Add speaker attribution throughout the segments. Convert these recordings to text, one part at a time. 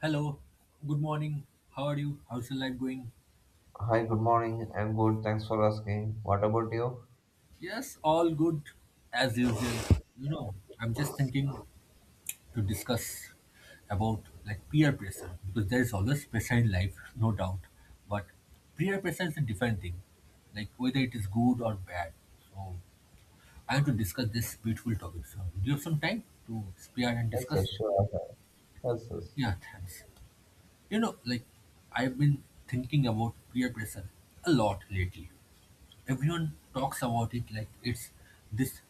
Speaker 1: Hello, good morning. How are you? How's your life going?
Speaker 2: Hi, good morning. I'm good. Thanks for asking. What about you?
Speaker 1: Yes, all good as usual. You know, I'm just thinking to discuss about like peer pressure because there is always pressure in life, no doubt. But peer pressure is a different thing, like whether it is good or bad. So I want to discuss this beautiful topic. So do you have some time to spare and
Speaker 2: Yes, sir.
Speaker 1: discuss?
Speaker 2: Sure. I have. Yes, sir.
Speaker 1: Yeah, thanks. You know, like I've been thinking about peer pressure a lot lately. Everyone talks about it like it's this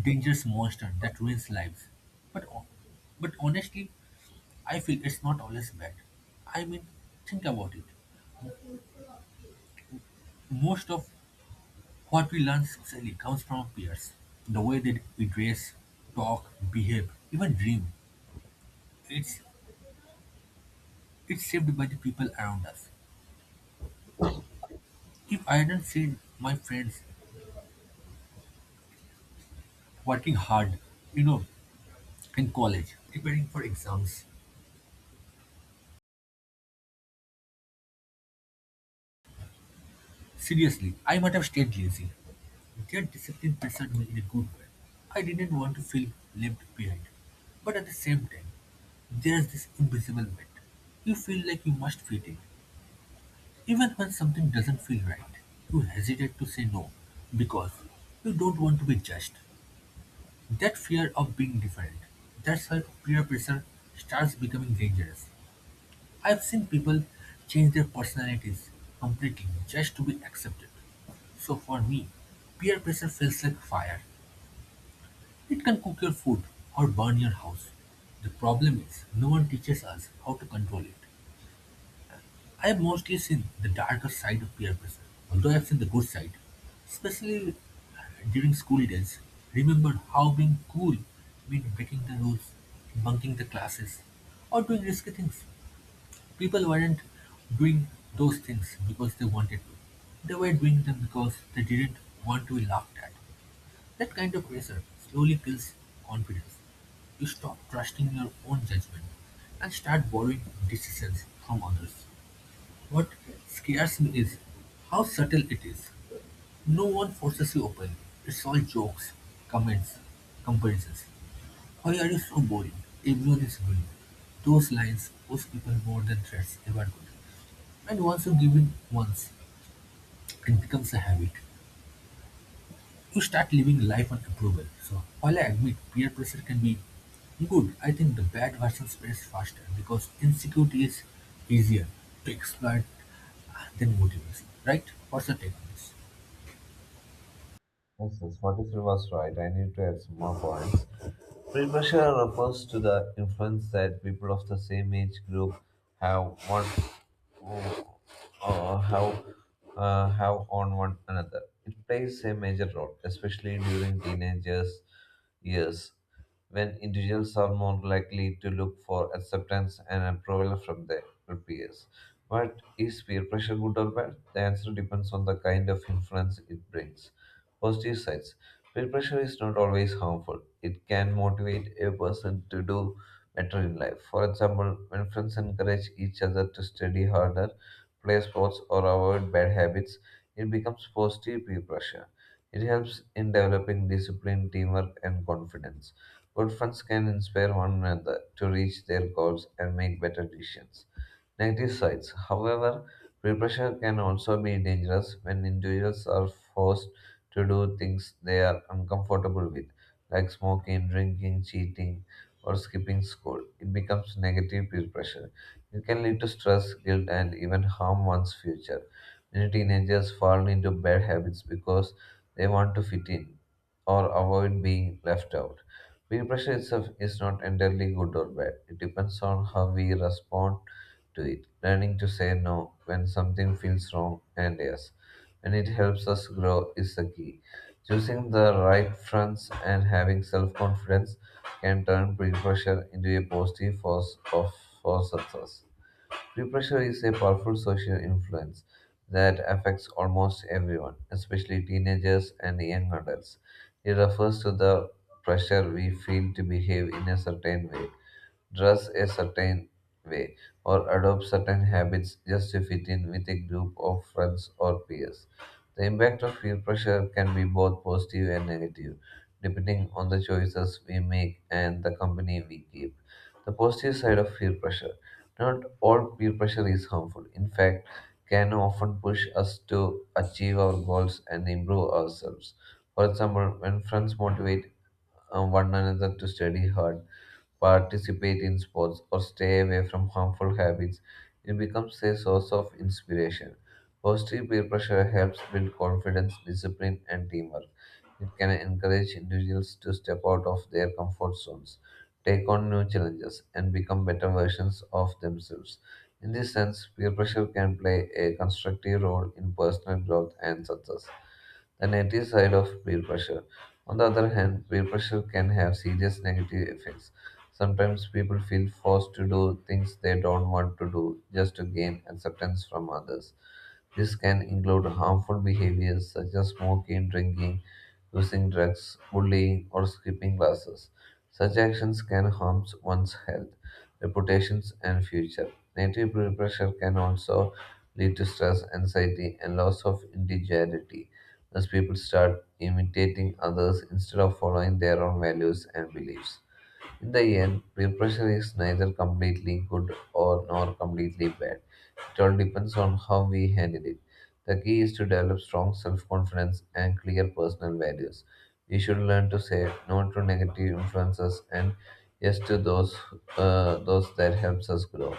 Speaker 1: dangerous monster that ruins lives. But, ho- but honestly, I feel it's not always bad. I mean, think about it. Most of what we learn socially comes from our peers. The way that we dress, talk, behave, even dream. It's it's shaped by the people around us. If I hadn't seen my friends working hard, you know, in college, preparing for exams, seriously, I might have stayed lazy. That discipline pressured me in a good way. I didn't want to feel left behind. But at the same time, there's this invisible weight. You feel like you must fit in. Even when something doesn't feel right, you hesitate to say no because you don't want to be judged. That fear of being different, that's where peer pressure starts becoming dangerous. I've seen people change their personalities completely just to be accepted. So for me, peer pressure feels like fire. It can cook your food or burn your house. The problem is, no one teaches us how to control it. I have mostly seen the darker side of peer pressure, although I've seen the good side, especially uh, during school days. Remember how being cool meant breaking the rules, bunking the classes, or doing risky things. People weren't doing those things because they wanted to. They were doing them because they didn't want to be laughed at. That kind of pressure slowly kills confidence. You stop trusting your own judgment and start borrowing decisions from others. What scares me is how subtle it is. No one forces you openly. It's all jokes, comments, comparisons. Why are you so boring? Everyone is doing it. Those lines push people more than threats ever could. And once you give in once, it becomes a habit. You start living life on approval. So while I admit peer pressure can be good, I think the bad version spreads faster because insecurity is easier to exploit than motivation. Right? What's your take on this?
Speaker 2: Yes, sir. 43 was right. I need to add some more points. Peer pressure refers to the influence that people of the same age group have one uh, have have on one another. It plays a major role, especially during teenagers years. When individuals are more likely to look for acceptance and approval from their peers. But is peer pressure good or bad? The answer depends on the kind of influence it brings. Positive sides. Peer pressure is not always harmful, it can motivate a person to do better in life. For example, when friends encourage each other to study harder, play sports, or avoid bad habits, it becomes positive peer pressure. It helps in developing discipline, teamwork, and confidence. Good friends can inspire one another to reach their goals and make better decisions. Negative sides, however, peer pressure can also be dangerous when individuals are forced to do things they are uncomfortable with, like smoking, drinking, cheating, or skipping school. It becomes negative peer pressure. It can lead to stress, guilt, and even harm one's future. Many teenagers fall into bad habits because they want to fit in or avoid being left out. Peer pressure itself is not entirely good or bad. It depends on how we respond to it. Learning to say no when something feels wrong and yes when it helps us grow is the key. Choosing the right friends and having self confidence can turn peer pressure into a positive force of for success. Peer pressure is a powerful social influence that affects almost everyone, especially teenagers and young adults. It refers to the pressure we feel to behave in a certain way, dress a certain way, or adopt certain habits just to fit in with a group of friends or peers. The impact of peer pressure can be both positive and negative, depending on the choices we make and the company we keep. The positive side of peer pressure. Not all peer pressure is harmful. In fact, can often push us to achieve our goals and improve ourselves. For example, when friends motivate one another to study hard, participate in sports, or stay away from harmful habits, it becomes a source of inspiration. Positive peer pressure helps build confidence, discipline, and teamwork. It can encourage individuals to step out of their comfort zones, take on new challenges, and become better versions of themselves. In this sense, peer pressure can play a constructive role in personal growth and success. The negative side of peer pressure. On the other hand, peer pressure can have serious negative effects. Sometimes people feel forced to do things they don't want to do just to gain acceptance from others. This can include harmful behaviors such as smoking, drinking, using drugs, bullying, or skipping classes. Such actions can harm one's health, reputations, and future. Negative peer pressure can also lead to stress, anxiety, and loss of individuality as people start imitating others instead of following their own values and beliefs. In the end, repression is neither completely good or nor completely bad. It all depends on how we handle it. The key is to develop strong self-confidence and clear personal values. We should learn to say no to negative influences and yes to those that helps us grow.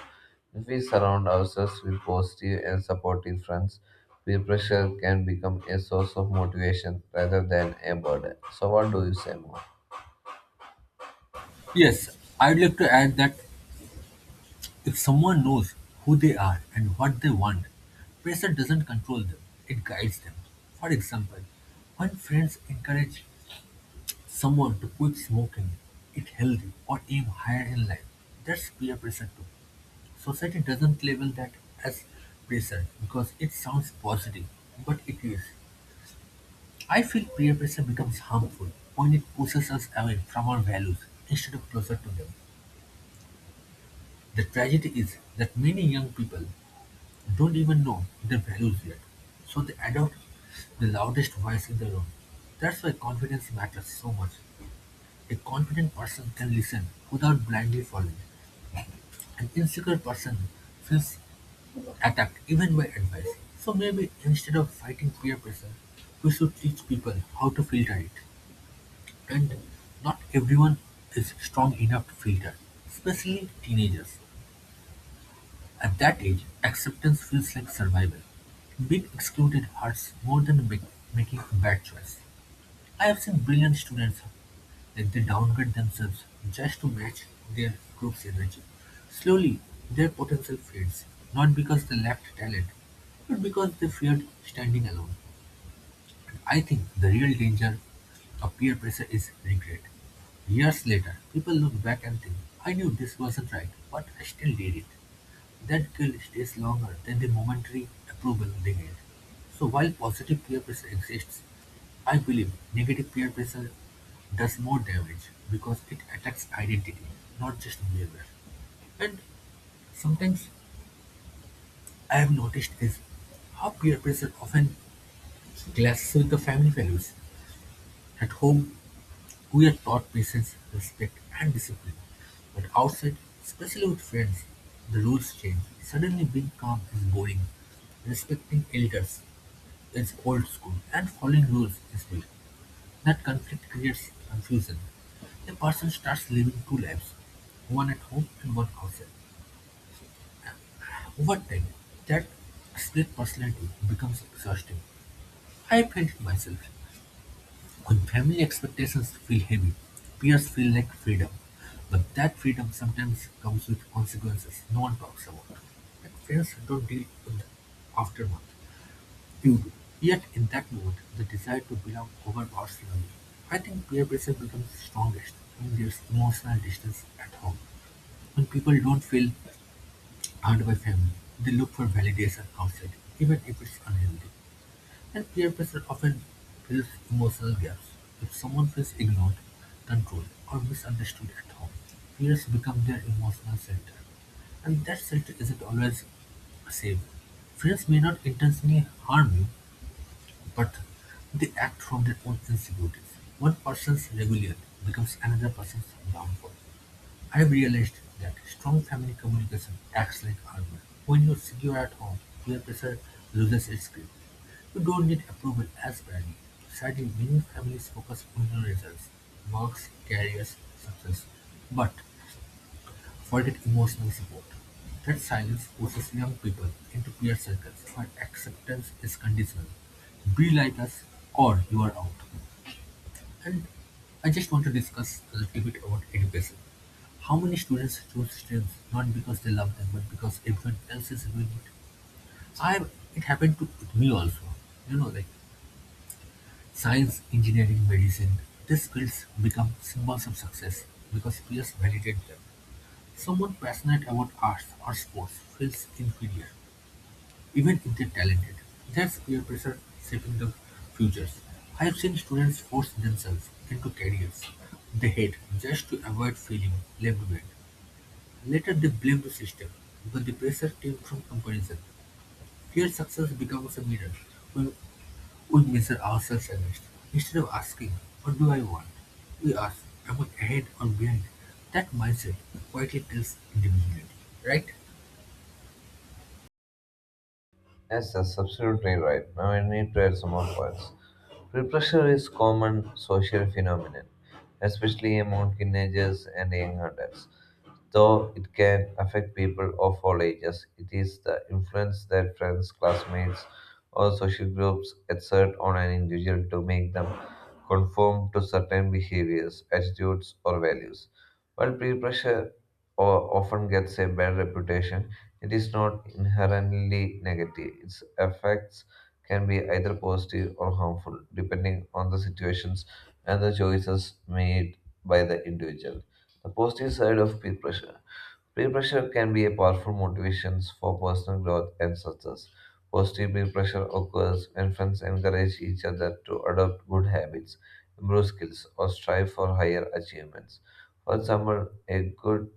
Speaker 2: If we surround ourselves with positive and supportive friends, peer pressure can become a source of motivation rather than a burden. So, what do you say more?
Speaker 1: Yes, I'd like to add that if someone knows who they are and what they want, pressure doesn't control them, it guides them. For example, when friends encourage someone to quit smoking, eat healthy or aim higher in life, that's peer pressure too. Society doesn't label that as pressure because it sounds positive, but it is. I feel peer pressure becomes harmful when it pushes us away from our values instead of closer to them. The tragedy is that many young people don't even know their values yet, so they adopt the loudest voice in the room. That's why confidence matters so much. A confident person can listen without blindly following; an insecure person feels attacked even by advice. So maybe instead of fighting peer pressure, we should teach people how to filter it. And not everyone is strong enough to filter, especially teenagers. At that age, acceptance feels like survival. Being excluded hurts more than making a bad choice. I have seen brilliant students like they downgrade themselves just to match their group's energy. Slowly, their potential fades, not because they lacked talent, but because they feared standing alone. And I think the real danger of peer pressure is regret. Years later, people look back and think, I knew this wasn't right, but I still did it. That guilt stays longer than the momentary approval they get. So while positive peer pressure exists, I believe negative peer pressure does more damage because it attacks identity, not just behavior. And sometimes I have noticed is how peer pressure often clashes with the family values. At home, we are taught patience, respect, and discipline. But outside, especially with friends, the rules change. Suddenly, being calm is boring. Respecting elders is old school, and following rules is new. That conflict creates confusion. A person starts living two lives, one at home and one outside. Over time, that split personality becomes exhausting. I felt it myself. When family expectations feel heavy, peers feel like freedom, but that freedom sometimes comes with consequences no one talks about. And friends don't deal with the aftermath. You do. Yet in that moment, the desire to belong overpowers longing. I think peer pressure becomes strongest when there's emotional distance at home. When people don't feel heard by family, they look for validation outside, even if it's unhealthy. And peer pressure often fills emotional gaps; if someone feels ignored, controlled, or misunderstood at home, peers become their emotional center. And that center isn't always safe. Friends may not intentionally harm you, but they act from their own insecurities. One person's rebellion becomes another person's downfall. I've realized that strong family communication acts like armor. When you're secure at home, peer pressure loses its grip. You don't need approval as badly. Sadly, many families focus only on results, marks, careers, success, but forget emotional support. That silence pushes young people into peer circles where acceptance is conditional. Be like us, or you are out. And I just want to discuss a little bit about education. How many students choose STEMs not because they love them, but because everyone else is doing it? I, it happened to me also. You know, like science, engineering, medicine. These fields become symbols of success because peers validate them. Someone passionate about arts or sports feels inferior even if they're talented, there's peer pressure shaping their futures. I've seen students force themselves into careers they hate just to avoid feeling left behind. Later, they blame the system, but the pressure came from comparison. Here, success becomes a mirror when we measure ourselves against. Instead of asking, what do I want? We ask, am I ahead or behind? That mindset quietly kills individuality, right?
Speaker 2: Yes, that's absolutely right. Now I need to add some more points. Peer pressure is common social phenomenon, especially among teenagers and young adults. Though it can affect people of all ages, it is the influence that friends, classmates, or social groups exert on an individual to make them conform to certain behaviors, attitudes, or values. While peer pressure often gets a bad reputation, it is not inherently negative. Its effects can be either positive or harmful, depending on the situations and the choices made by the individual. The positive side of peer pressure. Peer pressure can be a powerful motivation for personal growth and success. Positive peer pressure occurs when friends encourage each other to adopt good habits, improve skills, or strive for higher achievements. For example, a good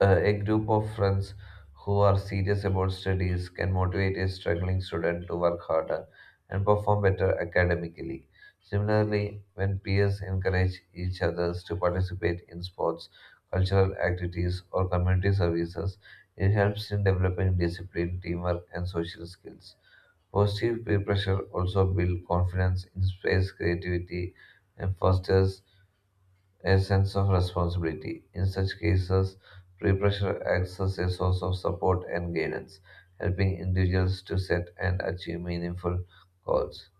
Speaker 2: uh, a group of friends who are serious about studies can motivate a struggling student to work harder and perform better academically. Similarly, when peers encourage each other to participate in sports, cultural activities, or community services, it helps in developing discipline, teamwork, and social skills. Positive peer pressure also builds confidence, inspires creativity, and fosters a sense of responsibility. In such cases, peer pressure acts as a source of support and guidance, helping individuals to set and achieve meaningful goals.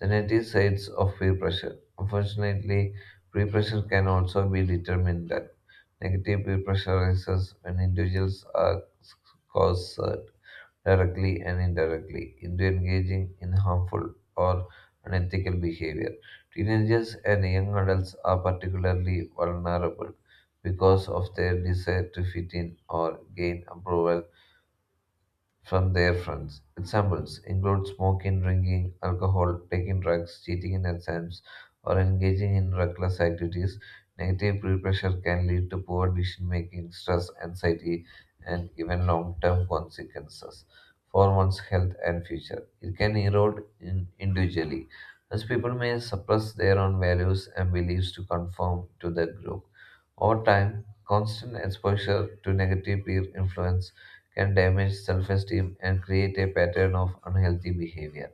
Speaker 2: The negative sides of peer pressure. Unfortunately, peer pressure can also be detrimental. Negative peer pressure arises when individuals are coerced directly and indirectly, into engaging in harmful or unethical behavior. Teenagers and young adults are particularly vulnerable because of their desire to fit in or gain approval from their friends. Examples include smoking, drinking, alcohol, taking drugs, cheating in exams, or engaging in reckless activities. Negative peer pressure can lead to poor decision making, stress, anxiety, and even long term consequences for one's health and future. It can erode in individually, as people may suppress their own values and beliefs to conform to the group. Over time, constant exposure to negative peer influence can damage self esteem and create a pattern of unhealthy behavior.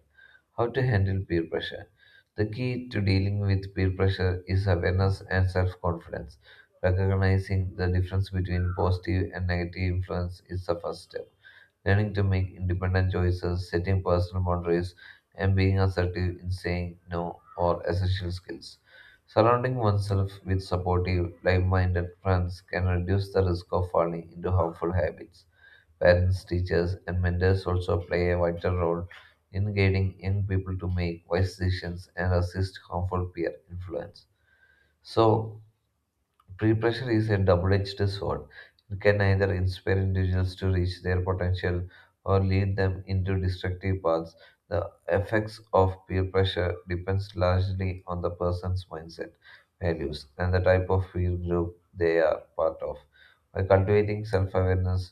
Speaker 2: How to handle peer pressure? The key to dealing with peer pressure is awareness and self confidence. Recognizing the difference between positive and negative influence is the first step. Learning to make independent choices, setting personal boundaries, and being assertive in saying no are essential skills. Surrounding oneself with supportive, like minded friends can reduce the risk of falling into harmful habits. Parents, teachers, and mentors also play a vital role in guiding young people to make wise decisions and resist harmful peer influence. So, peer pressure is a double edged sword. It can either inspire individuals to reach their potential or lead them into destructive paths. The effects of peer pressure depends largely on the person's mindset, values, and the type of peer group they are part of. By cultivating self awareness,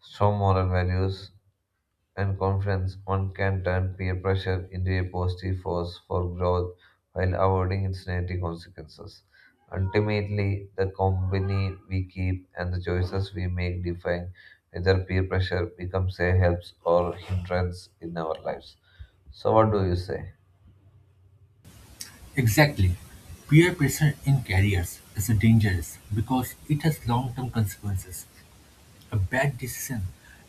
Speaker 2: strong moral values, and confidence, one can turn peer pressure into a positive force for growth while avoiding its negative consequences. Ultimately, the company we keep and the choices we make define whether peer pressure becomes a help or hindrance in our lives. So, what do you say?
Speaker 1: Exactly, peer pressure in careers is dangerous because it has long-term consequences. A bad decision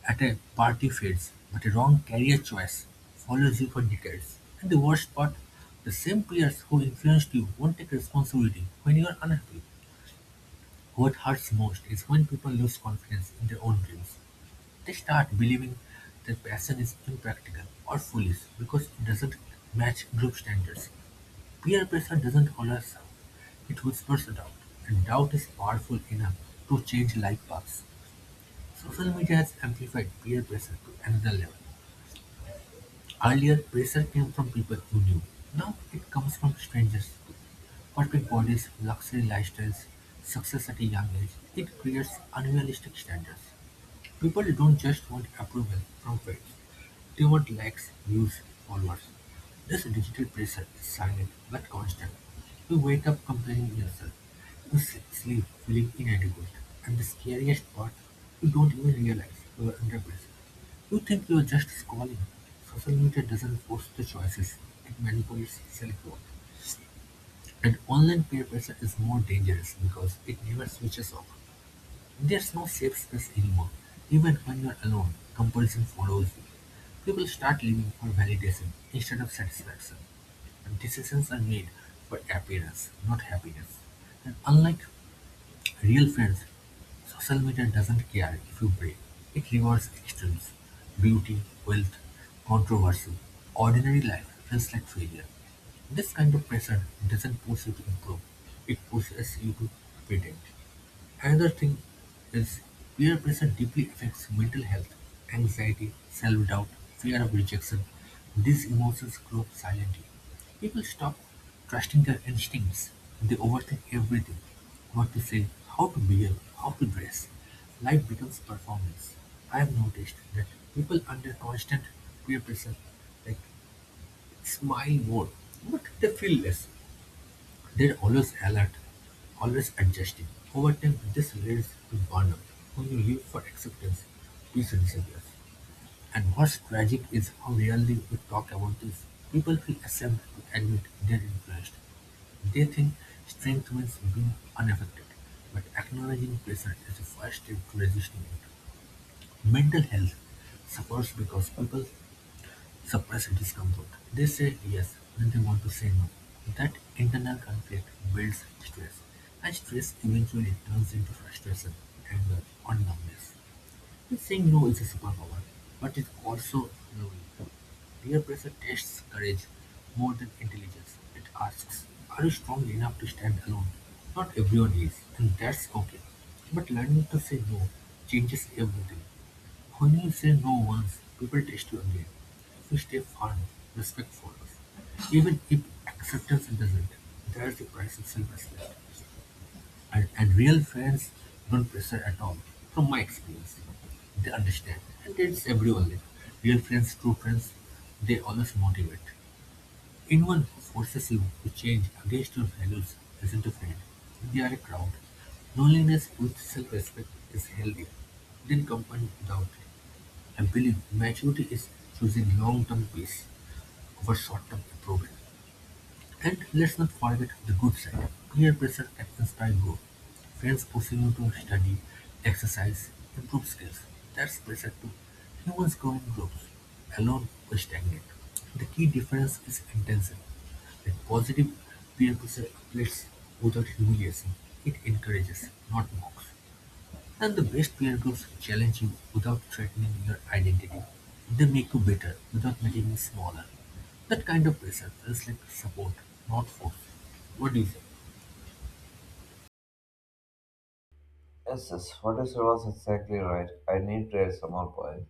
Speaker 1: at a party phase, but a wrong career choice follows you for decades. And the worst part, the same peers who influenced you won't take responsibility when you are unhappy. What hurts most is when people lose confidence in their own dreams. They start believing their passion is impractical or foolish because it doesn't match group standards. Peer pressure doesn't always serve; it whispers doubt, and doubt is powerful enough to change life paths. Social media has amplified peer pressure to another level. Earlier, pressure came from people you knew. Now it comes from strangers, perfect bodies, luxury lifestyles, success at a young age. It creates unrealistic standards. People don't just want approval from fans, they want likes, views, followers. This digital pressure is silent but constant. You wake up comparing yourself, you sleep feeling inadequate, and the scariest part, you don't even realize you are under pressure. You think you are just scrolling. Social media doesn't force the choices, it manipulates self worth. And online peer pressure is more dangerous because it never switches off. There's no safe space anymore, even when you're alone, comparison follows you. People start living for validation instead of satisfaction. And decisions are made for appearance, not happiness. And unlike real friends, social media doesn't care if you break. It rewards extremes, beauty, wealth, controversy. Ordinary life feels like failure. This kind of pressure doesn't push you to improve. It pushes you to pretend. Another thing is peer pressure deeply affects mental health, anxiety, self-doubt, fear of rejection. These emotions grow up silently. People stop trusting their instincts. They overthink everything. What to say, how to behave, how to dress. Life becomes performance. I have noticed that people under constant peer pressure like smile more, but they feel less. They're always alert, always adjusting. Over time, this leads to burnout. When you live for acceptance, peace disappears. And what's tragic is how rarely we talk about this. People feel ashamed to admit they're influenced. They think strength means being unaffected, but acknowledging pressure is the first step to resisting it. Mental health suffers because people suppress discomfort. They say yes when they want to say no. That internal conflict builds stress, and stress eventually turns into frustration, anger, or numbness. Saying no is a superpower, but it's also lonely. Peer pressure tests courage more than intelligence. It asks, are you strong enough to stand alone? Not everyone is, and that's okay. But learning to say no changes everything. When you say no once, people test you again. If you stay firm, respect follows. Even if acceptance doesn't, there's the price of self-respect. And real friends don't pressure at all, from my experience. They understand, and that's everyone. Real friends, true friends, they always motivate. Anyone who forces you to change against your values isn't a friend. They are a crowd. Loneliness with self-respect is healthy. Then company without it. I believe maturity is choosing long-term peace over short-term approval. And let's not forget the good side: peer pressure can inspire growth, friends pushing you to study, exercise, improve skills. That's pressure too. Humans grow in groups. Alone, we stagnate. The key difference is intention. Like, positive peer pressure uplifts without humiliation. It encourages, not mocks. And the best peer groups challenge you without threatening your identity. They make you better without making you smaller. That kind of pressure feels like support, not force. What do you say?
Speaker 2: Yes, yes, what you said was exactly right. I need to add some more points.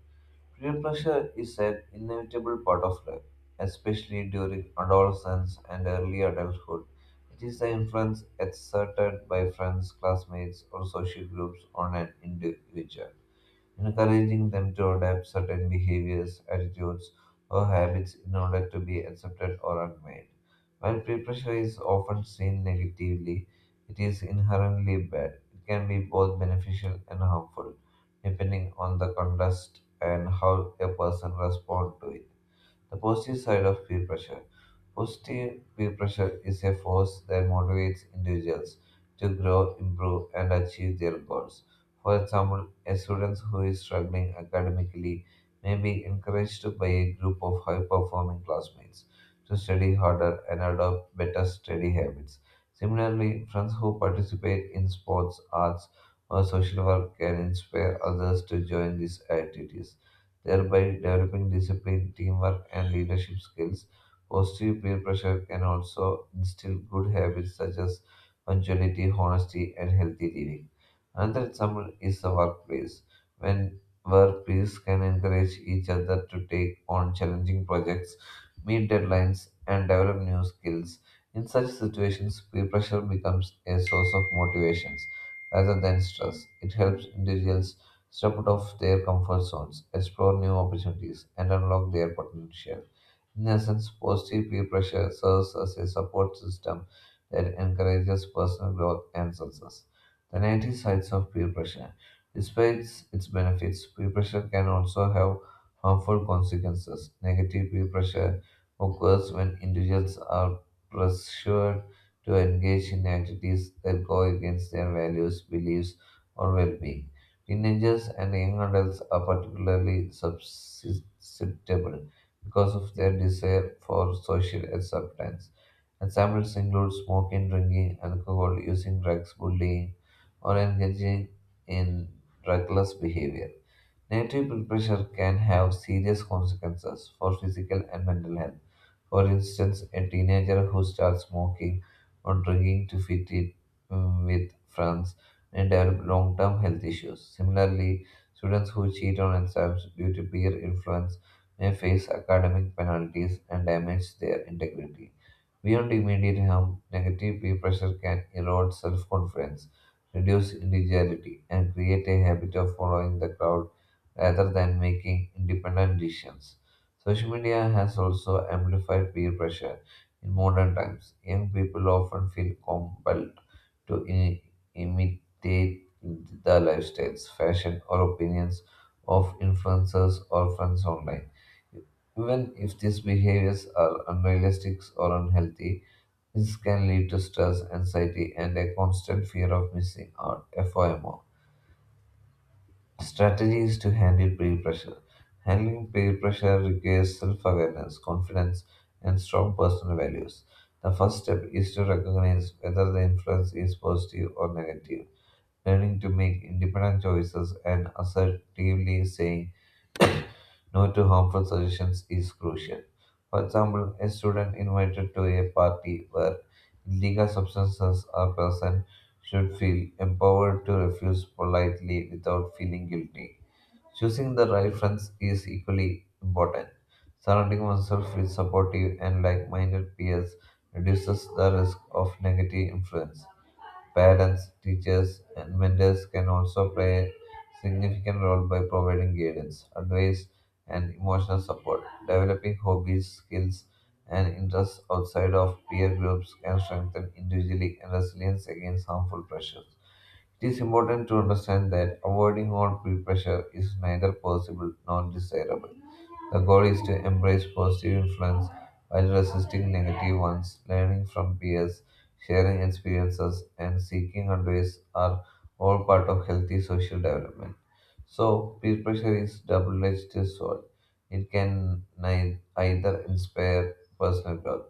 Speaker 2: Peer pressure is an inevitable part of life, especially during adolescence and early adulthood. It is the influence exerted by friends, classmates, or social groups on an individual encouraging them to adopt certain behaviors, attitudes, or habits in order to be accepted or admired. While peer pressure is often seen negatively, it is inherently bad. It can be both beneficial and harmful, depending on the context and how a person responds to it. The positive side of peer pressure. Positive peer pressure is a force that motivates individuals to grow, improve, and achieve their goals. For example, a student who is struggling academically may be encouraged by a group of high performing classmates to study harder and adopt better study habits. Similarly, friends who participate in sports, arts, or social work can inspire others to join these activities thereby developing discipline, teamwork, and leadership skills. Positive peer pressure can also instill good habits such as punctuality, honesty, and healthy living. Another example is the workplace, when where peers can encourage each other to take on challenging projects, meet deadlines, and develop new skills. In such situations, peer pressure becomes a source of motivations rather than stress. It helps individuals step out of their comfort zones, explore new opportunities, and unlock their potential. In essence, positive peer pressure serves as a support system that encourages personal growth and success. The negative sides of peer pressure. Despite its benefits, peer pressure can also have harmful consequences. Negative peer pressure occurs when individuals are pressured to engage in activities that go against their values, beliefs, or well being. Teenagers and young adults are particularly susceptible because of their desire for social acceptance. Examples include smoking, drinking, alcohol, using drugs, bullying, or engaging in reckless behavior. Negative peer pressure can have serious consequences for physical and mental health. For instance, a teenager who starts smoking or drinking to fit in with friends may develop long term health issues. Similarly, students who cheat on exams due to peer influence may face academic penalties and damage their integrity. Beyond immediate harm, negative peer pressure can erode self confidence, reduce individuality, and create a habit of following the crowd rather than making independent decisions. Social media has also amplified peer pressure in modern times. Young people often feel compelled to imitate the lifestyles, fashion, or opinions of influencers or friends online. Even if these behaviors are unrealistic or unhealthy, this can lead to stress, anxiety, and a constant fear of missing out, FOMO. Strategies to handle peer pressure. Handling peer pressure requires self awareness, confidence, and strong personal values. The first step is to recognize whether the influence is positive or negative. Learning to make independent choices and assertively saying no to harmful suggestions is crucial. For example, a student invited to a party where illegal substances are present should feel empowered to refuse politely without feeling guilty. Choosing the right friends is equally important. Surrounding oneself with supportive and like minded peers reduces the risk of negative influence. Parents, teachers, and mentors can also play a significant role by providing guidance, advice, and emotional support. Developing hobbies, skills, and interests outside of peer groups can strengthen individually and resilience against harmful pressures. It is important to understand that avoiding all peer pressure is neither possible nor desirable. The goal is to embrace positive influence while resisting negative ones. Learning from peers, sharing experiences, and seeking advice are all part of healthy social development. So, peer pressure is double edged sword. It can either inspire personal growth,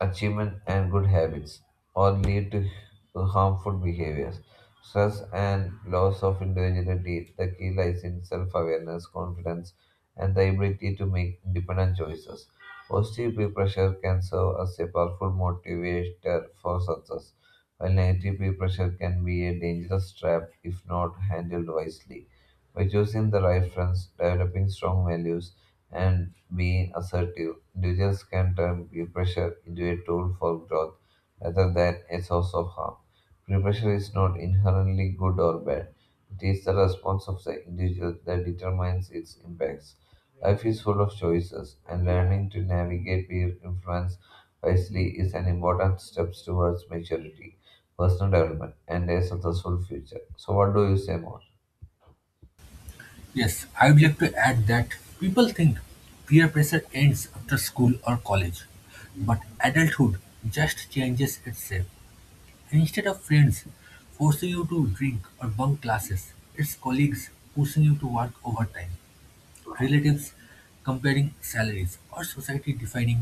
Speaker 2: achievement and good habits, or lead to harmful behaviors. Stress and loss of individuality, the key lies in self awareness, confidence, and the ability to make independent choices. Positive peer pressure can serve as a powerful motivator for success, while negative peer pressure can be a dangerous trap if not handled wisely. By choosing the right friends, developing strong values, and being assertive, Doujins can turn peer pressure into a tool for growth rather than a source of harm. Peer pressure is not inherently good or bad. It is the response of the individual that determines its impacts. Life is full of choices, and learning to navigate peer influence wisely is an important step towards maturity, personal development, and a successful future. So, what do you say more?
Speaker 1: Yes, I would like to add that people think peer pressure ends after school or college, but adulthood just changes itself. And instead of friends forcing you to drink or bunk classes, it's colleagues pushing you to work overtime, relatives comparing salaries, or society defining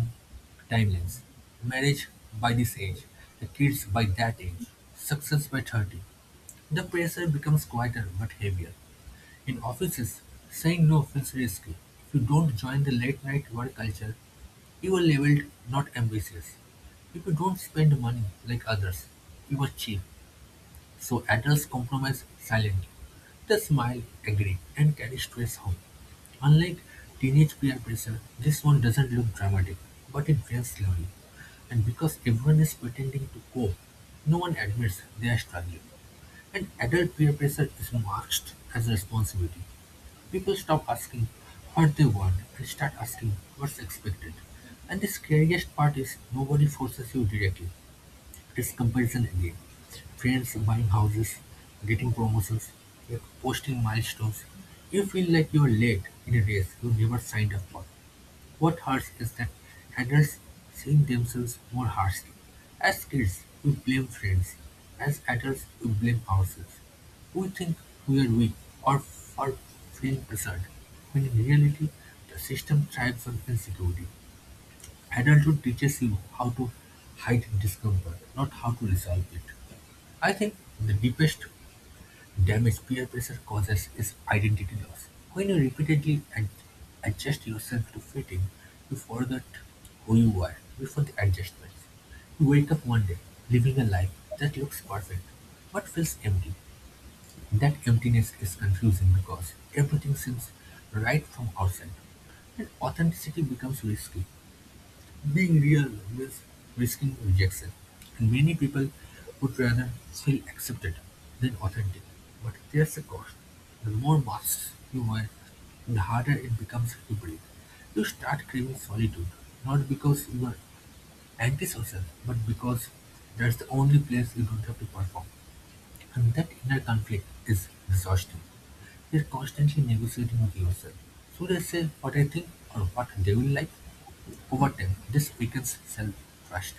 Speaker 1: timelines. Marriage by this age, the kids by that age, success by 30. The pressure becomes quieter but heavier. In offices, saying no feels risky. If you don't join the late night work culture, you are labeled not ambitious. If you don't spend money like others, you are cheap. So adults compromise silently. They smile, agree, and carry stress home. Unlike teenage peer pressure, this one doesn't look dramatic, but it drains slowly. And because everyone is pretending to cope, no one admits they are struggling. And adult peer pressure is marked as a responsibility. People stop asking what they want and start asking what's expected. And the scariest part is nobody forces you directly. His comparison again: friends buying houses, getting promotions, you're posting milestones. You feel like you're late in a race you never signed up for. What hurts is that adults seeing themselves more harshly. As kids, we blame friends. As adults, we blame ourselves. We think we are weak or for feeling pressured, when in reality, the system thrives on insecurity. Adulthood teaches you how to hide discomfort, not how to resolve it. I think the deepest damage peer pressure causes is identity loss. When you repeatedly adjust yourself to fit in, you forget who you are before the adjustments. You wake up one day living a life that looks perfect but feels empty. That emptiness is confusing because everything seems right from outside. And authenticity becomes risky, being real means risking rejection, and many people would rather feel accepted than authentic. But there's a cost. The more masks you wear, the harder it becomes to breathe. You start craving solitude, not because you are antisocial, but because that's the only place you don't have to perform. And that inner conflict is exhausting. You're constantly negotiating with yourself. Should I say what I think or what they will like? Over time, this weakens self trust.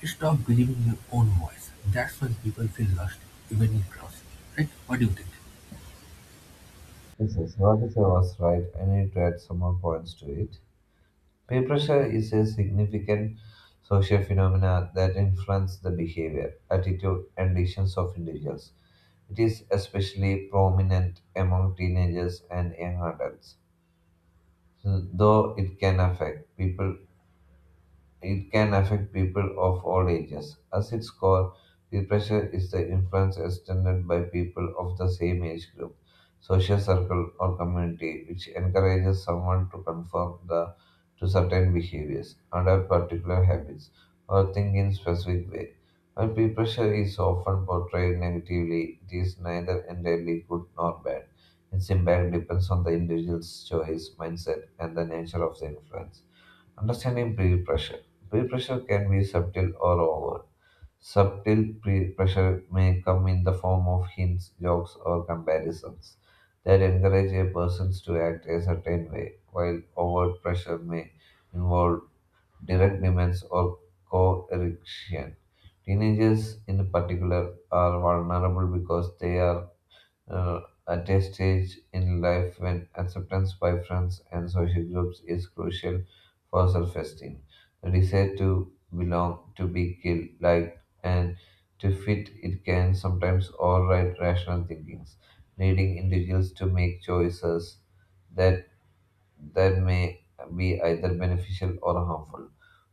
Speaker 1: You stop believing in your own voice. That's when people feel lost, even in crowds. Right? What do you think?
Speaker 2: Yes, yes, what you said was right. I need to add some more points to it. Peer pressure is a significant social phenomenon that influences the behavior, attitude, and decisions of individuals. It is especially prominent among teenagers and young adults, though it can affect people of all ages. As its core, depression is the influence extended by people of the same age group, social circle, or community, which encourages someone to certain behaviors, adopt particular habits, or think in specific way. While peer pressure is often portrayed negatively, it is neither entirely good nor bad. Its impact depends on the individual's choice, mindset, and the nature of the influence. Understanding peer pressure. Peer pressure can be subtle or overt. Subtle peer pressure may come in the form of hints, jokes, or comparisons that encourage a person to act a certain way, while overt pressure may involve direct demands or coercion. Teenagers, in particular, are vulnerable because they are uh, at a stage in life when acceptance by friends and social groups is crucial for self esteem. The desire to belong, to be killed, liked, and to fit it can sometimes override rational thinkings, leading individuals to make choices that that may be either beneficial or harmful.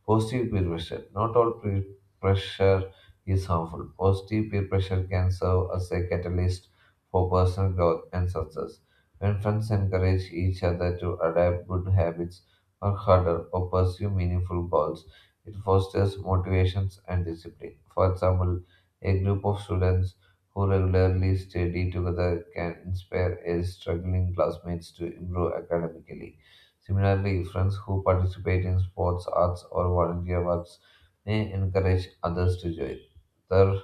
Speaker 2: Positive peer pressure. Not all peer pressure is harmful. Positive peer pressure can serve as a catalyst for personal growth and success. When friends encourage each other to adapt good habits, work harder, or pursue meaningful goals, it fosters motivations and discipline. For example, a group of students who regularly study together can inspire a struggling classmates to improve academically. Similarly, friends who participate in sports, arts, or volunteer works may encourage others to join, ther-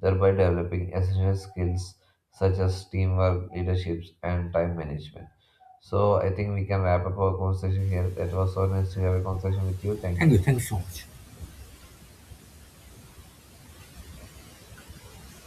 Speaker 2: thereby developing essential skills such as teamwork, leadership, and time management. So, I think we can wrap up our conversation here. That was so nice to have a conversation with you. Thank
Speaker 1: Thank you.
Speaker 2: you.
Speaker 1: Thank you so much.